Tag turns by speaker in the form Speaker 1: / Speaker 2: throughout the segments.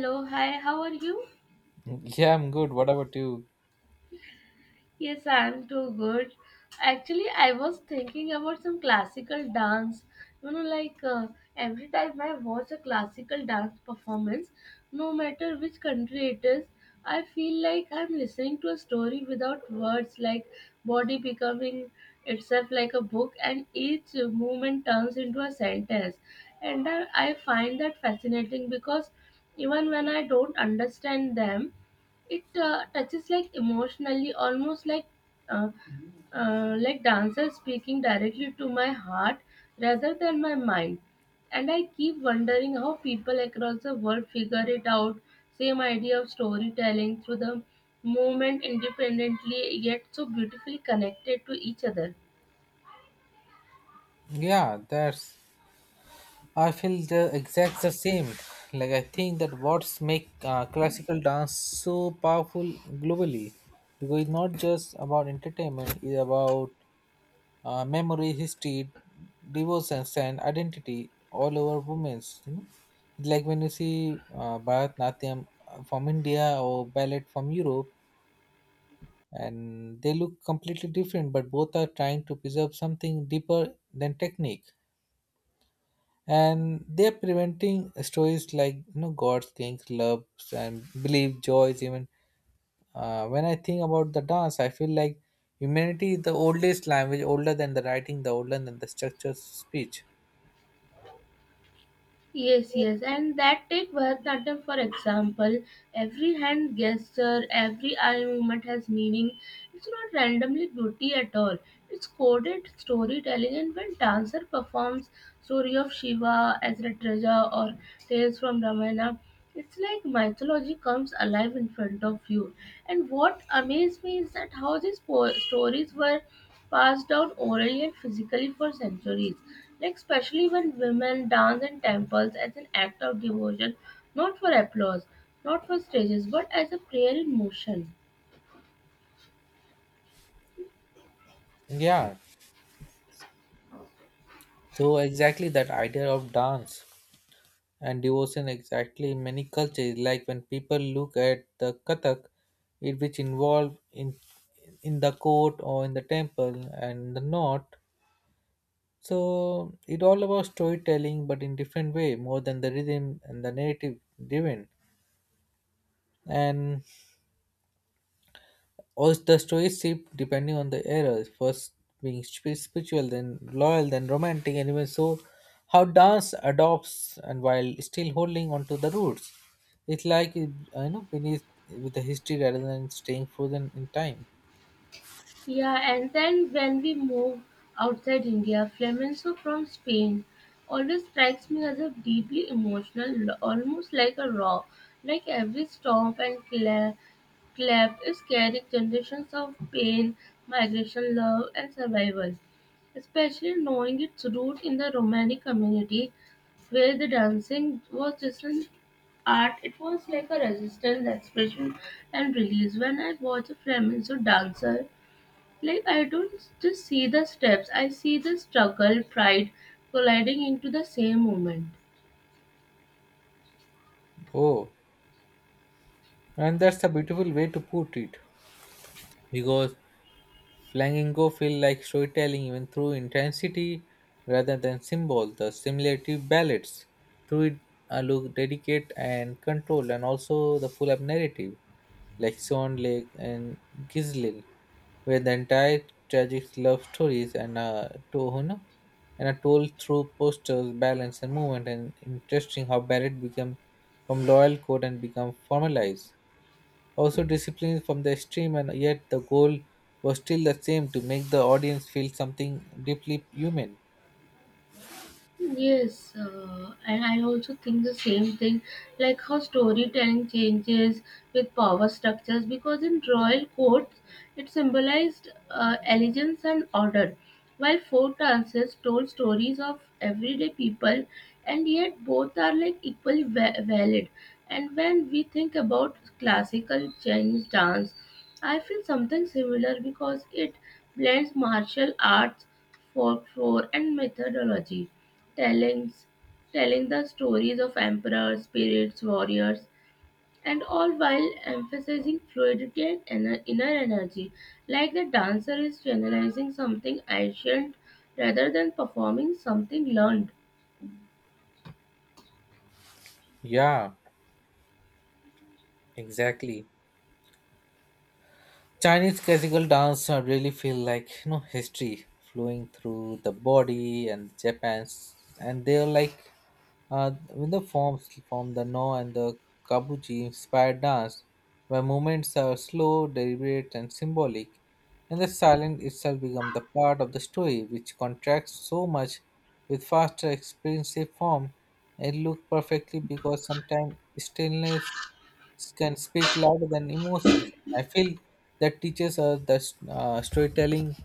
Speaker 1: Hello, hi, how are you?
Speaker 2: Yeah, I'm good. What about you?
Speaker 1: Yes, I'm too good. Actually, I was thinking about some classical dance. Like, every time I watch a classical dance performance, no matter which country it is, I feel like I'm listening to a story without words, like body becoming itself like a book, and each movement turns into a sentence. And I find that fascinating because even when I don't understand them, it touches like emotionally almost uh, like dancers speaking directly to my heart rather than my mind. And I keep wondering how people across the world figure it out, same idea of storytelling through the movement, independently yet so beautifully connected to each other.
Speaker 2: Yeah, that's. I feel the exact the same. Like I think that what's make classical dance so powerful globally, because it's not just about entertainment. It's about memory, history, devotion, and identity all over women's. Like when you see Bharatanatyam from India or ballet from Europe, and they look completely different, but both are trying to preserve something deeper than technique. And they're preventing stories like god's, kings, loves, and believe joys even when I think about the dance. I feel like humanity is the oldest language, older than the writing, the older than the structured speech.
Speaker 1: Yes, yes, and that take Bharatanatyam, for example. Every hand gesture, every eye movement has meaning. It's not randomly beauty at all. It's coded storytelling, and when dancer performs story of Shiva as Ratraja or tales from Ramayana, it's like mythology comes alive in front of you. And what amazed me is that how these stories were passed down orally and physically for centuries. Like, especially when women dance in temples as an act of devotion, not for applause, not for stages, but as a prayer in motion.
Speaker 2: Yeah, so exactly that idea of dance and devotion exactly in many cultures, like when people look at the kathak, it which involved in the court or in the temple and the north. So it all about storytelling, but in different way, more than the rhythm and the narrative driven. And also the stories shift depending on the era. First being spiritual, then loyal, then romantic, and even so, how dance adopts and while still holding on to the roots. It's like it, beneath with the history rather than staying frozen in time.
Speaker 1: Yeah, and then when we move outside India, flamenco from Spain always strikes me as a deeply emotional, almost like a raw, like every stomp and clap is carrying generations of pain, migration, love, and survival. Especially knowing its root in the Romani community, where the dancing was just an art. It was like a resistance expression and release. When I watch a flamenco dancer, like, I don't just see the steps, I see the struggle, pride colliding into the same moment.
Speaker 2: Oh, and that's a beautiful way to put it because Flamingo feel like storytelling even through intensity rather than symbol. The simulative ballads through it are look delicate and controlled, and also the full up narrative like Swan Lake and Gizlil, where the entire tragic love stories and to, and are told through posters, balance, and movement. And interesting how ballad become from loyal code and become formalized. Also disciplined from the extreme and yet the goal was still the same to make the audience feel something deeply human.
Speaker 1: Yes, and I also think the same thing, like how storytelling changes with power structures, because in royal courts it symbolized elegance and order, while folk dances told stories of everyday people, and yet both are like equally valid. And when we think about classical Chinese dance, I feel something similar because it blends martial arts, folklore, and methodology telling, telling the stories of emperors, spirits, warriors, and all while emphasizing fluidity and inner energy, like the dancer is channelizing something ancient rather than performing something learned.
Speaker 2: Yeah, exactly. Chinese classical dance really feel like history flowing through the body and Japan's, and they're like with the forms from the no and the kabuki inspired dance, where movements are slow, deliberate, and symbolic, and the silence itself becomes the part of the story, which contrasts so much with faster expressive form. It look perfectly because sometimes stillness can speak louder than emotions. I feel that teachers are the storytelling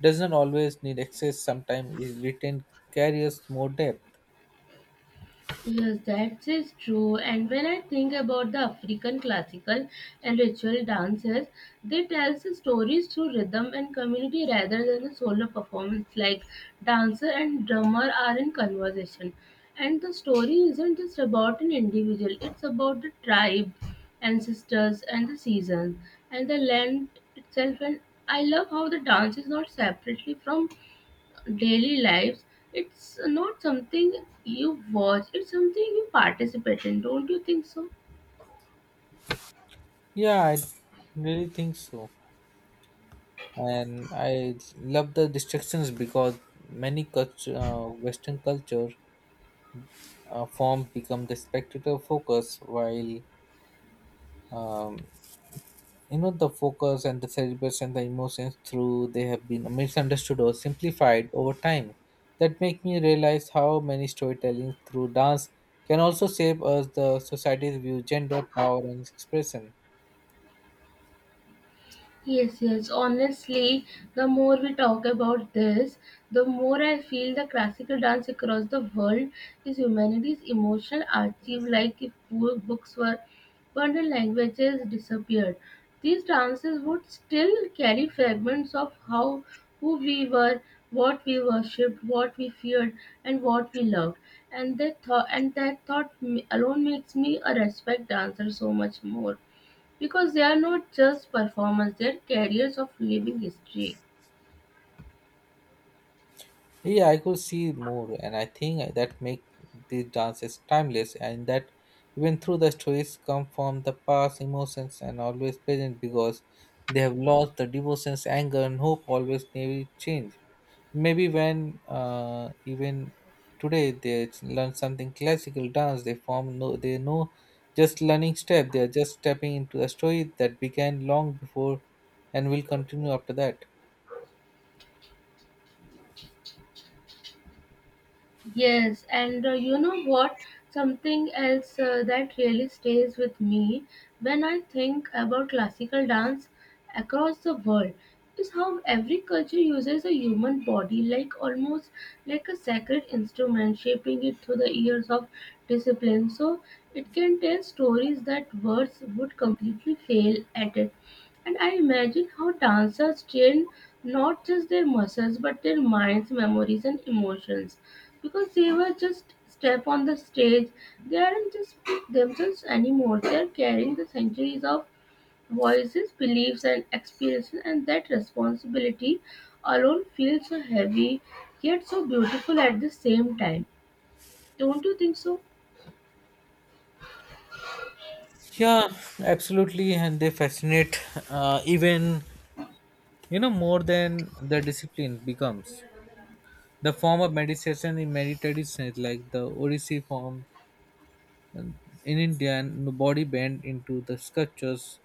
Speaker 2: does not always need access. Sometimes is written carries more depth.
Speaker 1: Yes, that is true. And when I think about the African classical and ritual dances, they tell the stories through rhythm and community rather than a solo performance. Like dancer and drummer are in conversation, and the story isn't just about an individual; it's about the tribe, ancestors, and the seasons, and the land itself. And I love how the dance is not separately from daily lives. It's not something you watch, it's something you participate in. Don't you think so?
Speaker 2: Yeah, I really think so, and I love the distractions because many culture, Western culture forms become the spectator focus, while um, the focus and the cerebrus and the emotions through they have been misunderstood or simplified over time, that make me realize how many storytelling through dance can also shape us the society's view, gender, power, and expression.
Speaker 1: Yes, yes. Honestly, the more we talk about this, the more I feel the classical dance across the world is humanity's emotional archive. Like if poor books were burned and languages disappeared, these dances would still carry fragments of how who we were, what we worshipped, what we feared, and what we loved. And that thought alone makes me a respect dancer so much more, because they are not just performers, they're carriers of living history.
Speaker 2: Yeah, I could see more, and I think that make these dances timeless, and that even through the stories come from the past, emotions and always present because they have lost the devotions, anger, and hope always never change. Maybe when even today they learn something classical dance they form no they know just learning step, they are just stepping into a story that began long before and will continue after that.
Speaker 1: Yes, and you know what, something else that really stays with me when I think about classical dance across the world is how every culture uses a human body like, almost like, a sacred instrument, shaping it through the years of discipline, so it can tell stories that words would completely fail at it. And I imagine how dancers train not just their muscles but their minds, memories, and emotions. Because they were just step on the stage, they aren't just themselves anymore. They are carrying the centuries of voices, beliefs, and experiences, and that responsibility alone feels so heavy yet so beautiful at the same time. Don't you think so?
Speaker 2: Yeah, absolutely. And they fascinate even more than the discipline becomes the form of meditation in many traditions like the Odissi form in India, and the body bent into the sculptures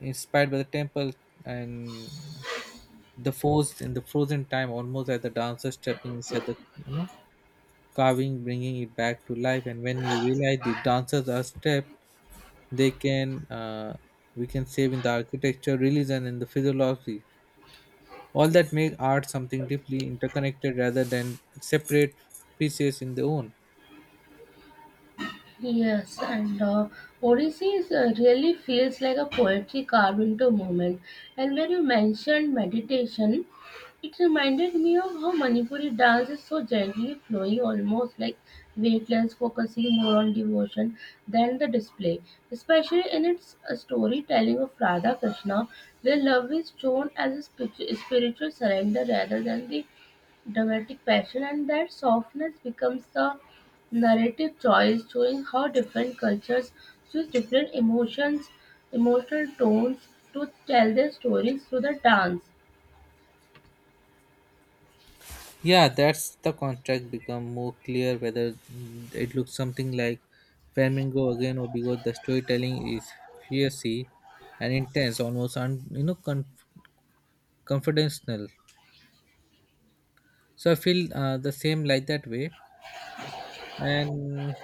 Speaker 2: inspired by the temple, and the forced and the frozen time almost as the dancer stepping inside the you know carving, bringing it back to life. And when you realize the dancers are stepped, they can we can save in the architecture, religion, and the physiology, all that make art something deeply interconnected rather than separate pieces in their own.
Speaker 1: Yes, and Odyssey is, really feels like a poetry carved into movement. And when you mentioned meditation, it reminded me of how Manipuri dance is so gently flowing, almost like weightless, focusing more on devotion than the display, especially in its storytelling of Radha Krishna, where love is shown as a spiritual surrender rather than the dramatic passion, and that softness becomes the narrative choice, showing how different cultures use different emotions, emotional tones to tell their stories through the dance.
Speaker 2: Yeah, that's the contract become more clear whether it looks something like Flamingo again or because the storytelling is fiercely and intense, almost confidential. So I feel the same like that way, and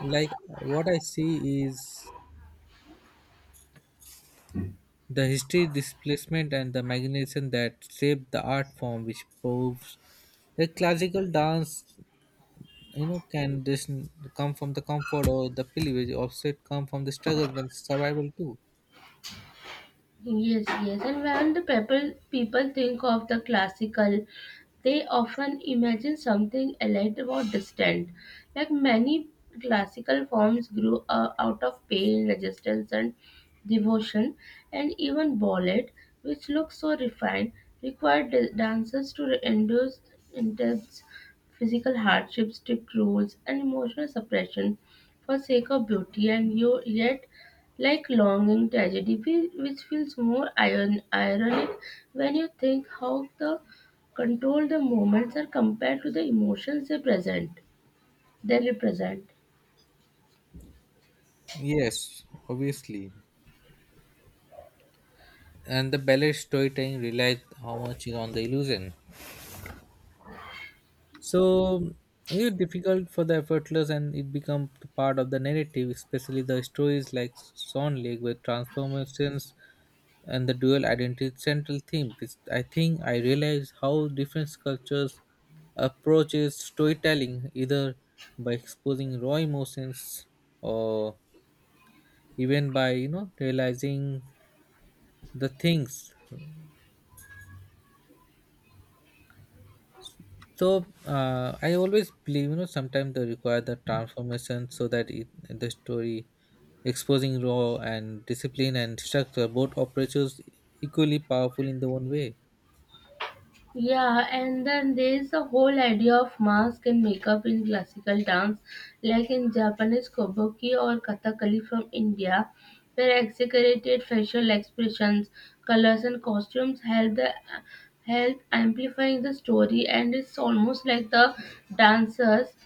Speaker 2: like what I see is the history, displacement, and the magnificence that shaped the art form, which proves that classical dance can this come from the comfort or the privilege offset come from the struggle and survival too.
Speaker 1: Yes, yes. And when the people think of the classical, they often imagine something elite or distant. Like many classical forms grew out of pain, resistance, and devotion, and even ballet, which looks so refined, required dancers to endure intense physical hardships, strict rules, and emotional suppression for sake of beauty. And you, yet like longing tragedy, which feels more ironic when you think how the control the moments are compared to the emotions they represent.
Speaker 2: Yes, obviously. And the ballet storytelling relies how much is on the illusion, so it's difficult for the effortless, and it becomes part of the narrative, especially the stories like Swan Lake with transformations and the dual identity is central theme, which I think I realize how different cultures approaches storytelling, either by exposing raw emotions or even by realizing the things. So I always believe sometimes they require the transformation so that it, the story exposing raw and discipline and structure, both approaches equally powerful in their own way.
Speaker 1: Yeah, and then there's the whole idea of mask and makeup in classical dance, like in Japanese kabuki or kathakali from India, where exaggerated facial expressions, colors, and costumes help amplifying the story, and it's almost like the dancers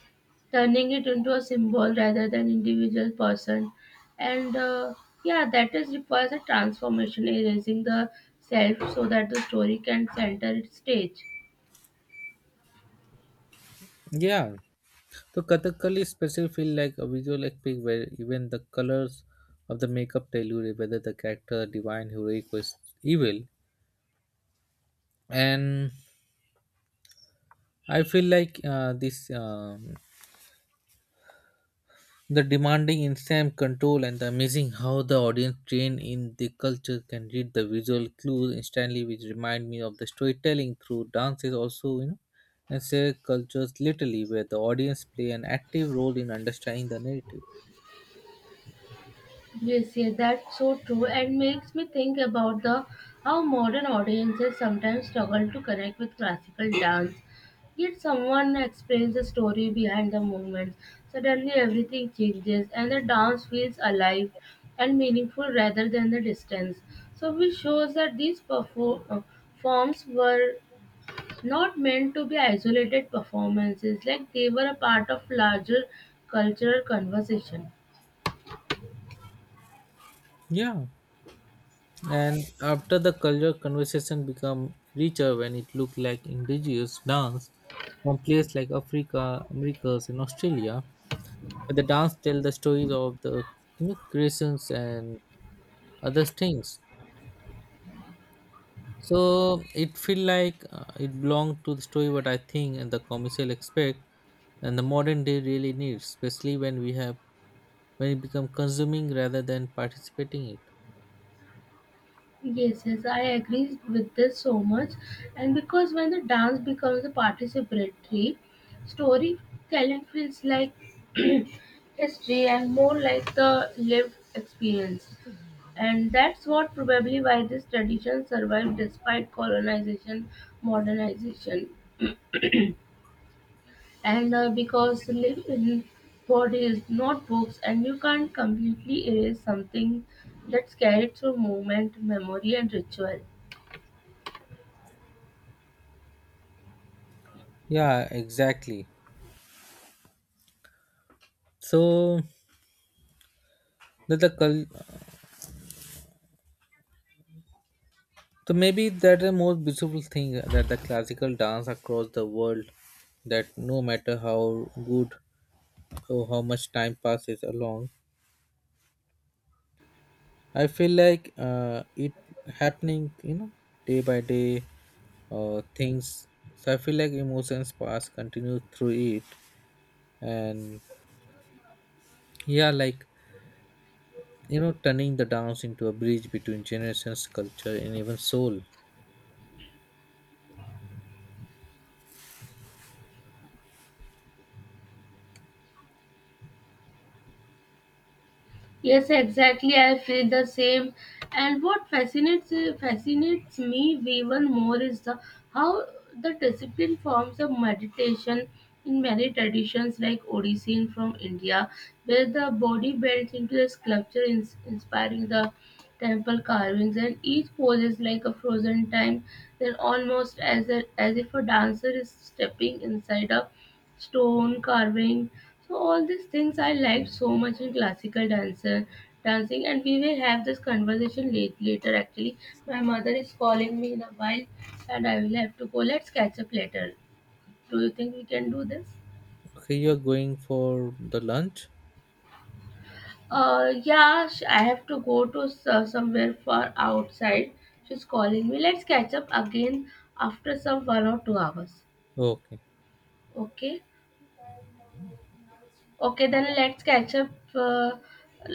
Speaker 1: turning it into a symbol rather than individual person, and yeah, that is requires a transformation, erasing the self so that the story can center its stage.
Speaker 2: Yeah, so Kathakali especially feel like a visual epic where even the colors of the makeup tell you whether the character divine, heroic, or evil. And I feel like this the demanding instant control, and the amazing how the audience trained in the culture can read the visual clues instantly, which remind me of the storytelling through dances also, and say cultures literally where the audience play an active role in understanding the narrative.
Speaker 1: Yes, yes, that's so true, and makes me think about the how modern audiences sometimes struggle to connect with classical dance. Yet someone explains the story behind the movements. Suddenly everything changes, and the dance feels alive and meaningful rather than the distance. So, which shows that these perform forms were not meant to be isolated performances; like they were a part of larger cultural conversation.
Speaker 2: Yeah. And after the culture conversation become richer when it looked like indigenous dance from places like Africa, Americas, and Australia, but the dance tell the stories of the creations and other things. So it feel like it belonged to the story what I think and the commercial expect and the modern day really needs, especially when we have when it become consuming rather than participating it.
Speaker 1: Yes, yes, I agree with this so much. And because when the dance becomes a participatory, storytelling feels like history and more like the lived experience. And that's what probably why this tradition survived despite colonization, modernization. And because live in bodies, not books, and you can't completely erase something that's carried through movement, memory, and ritual.
Speaker 2: Yeah, exactly. So that the cul So maybe that the most beautiful thing that the classical dance across the world that no matter how good or how much time passes along, I feel like it happening, day by day things. So I feel like emotions pass continue through it, and yeah, like turning the dance into a bridge between generations, culture, and even soul.
Speaker 1: Yes, exactly. I feel the same. And what fascinates me even more is the how the discipline forms of meditation in many traditions like Odissean from India, where the body bends into a sculpture inspiring the temple carvings, and each pose is like a frozen time, then almost as if a dancer is stepping inside a stone carving. So all these things I liked so much in classical dancer dancing, and we will have this conversation later. Actually, my mother is calling me in a while, and I will have to go. Let's catch up later. Do you think we can do this?
Speaker 2: Okay, you're going for the lunch?
Speaker 1: Yeah, I have to go to somewhere far outside. She's calling me. Let's catch up again after some 1 or 2 hours.
Speaker 2: Okay.
Speaker 1: Okay. Okay, then let's catch up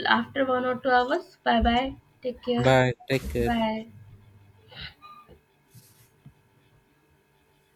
Speaker 1: after 1 or 2 hours. Bye bye. Take care.
Speaker 2: Bye. Take care.
Speaker 1: Bye.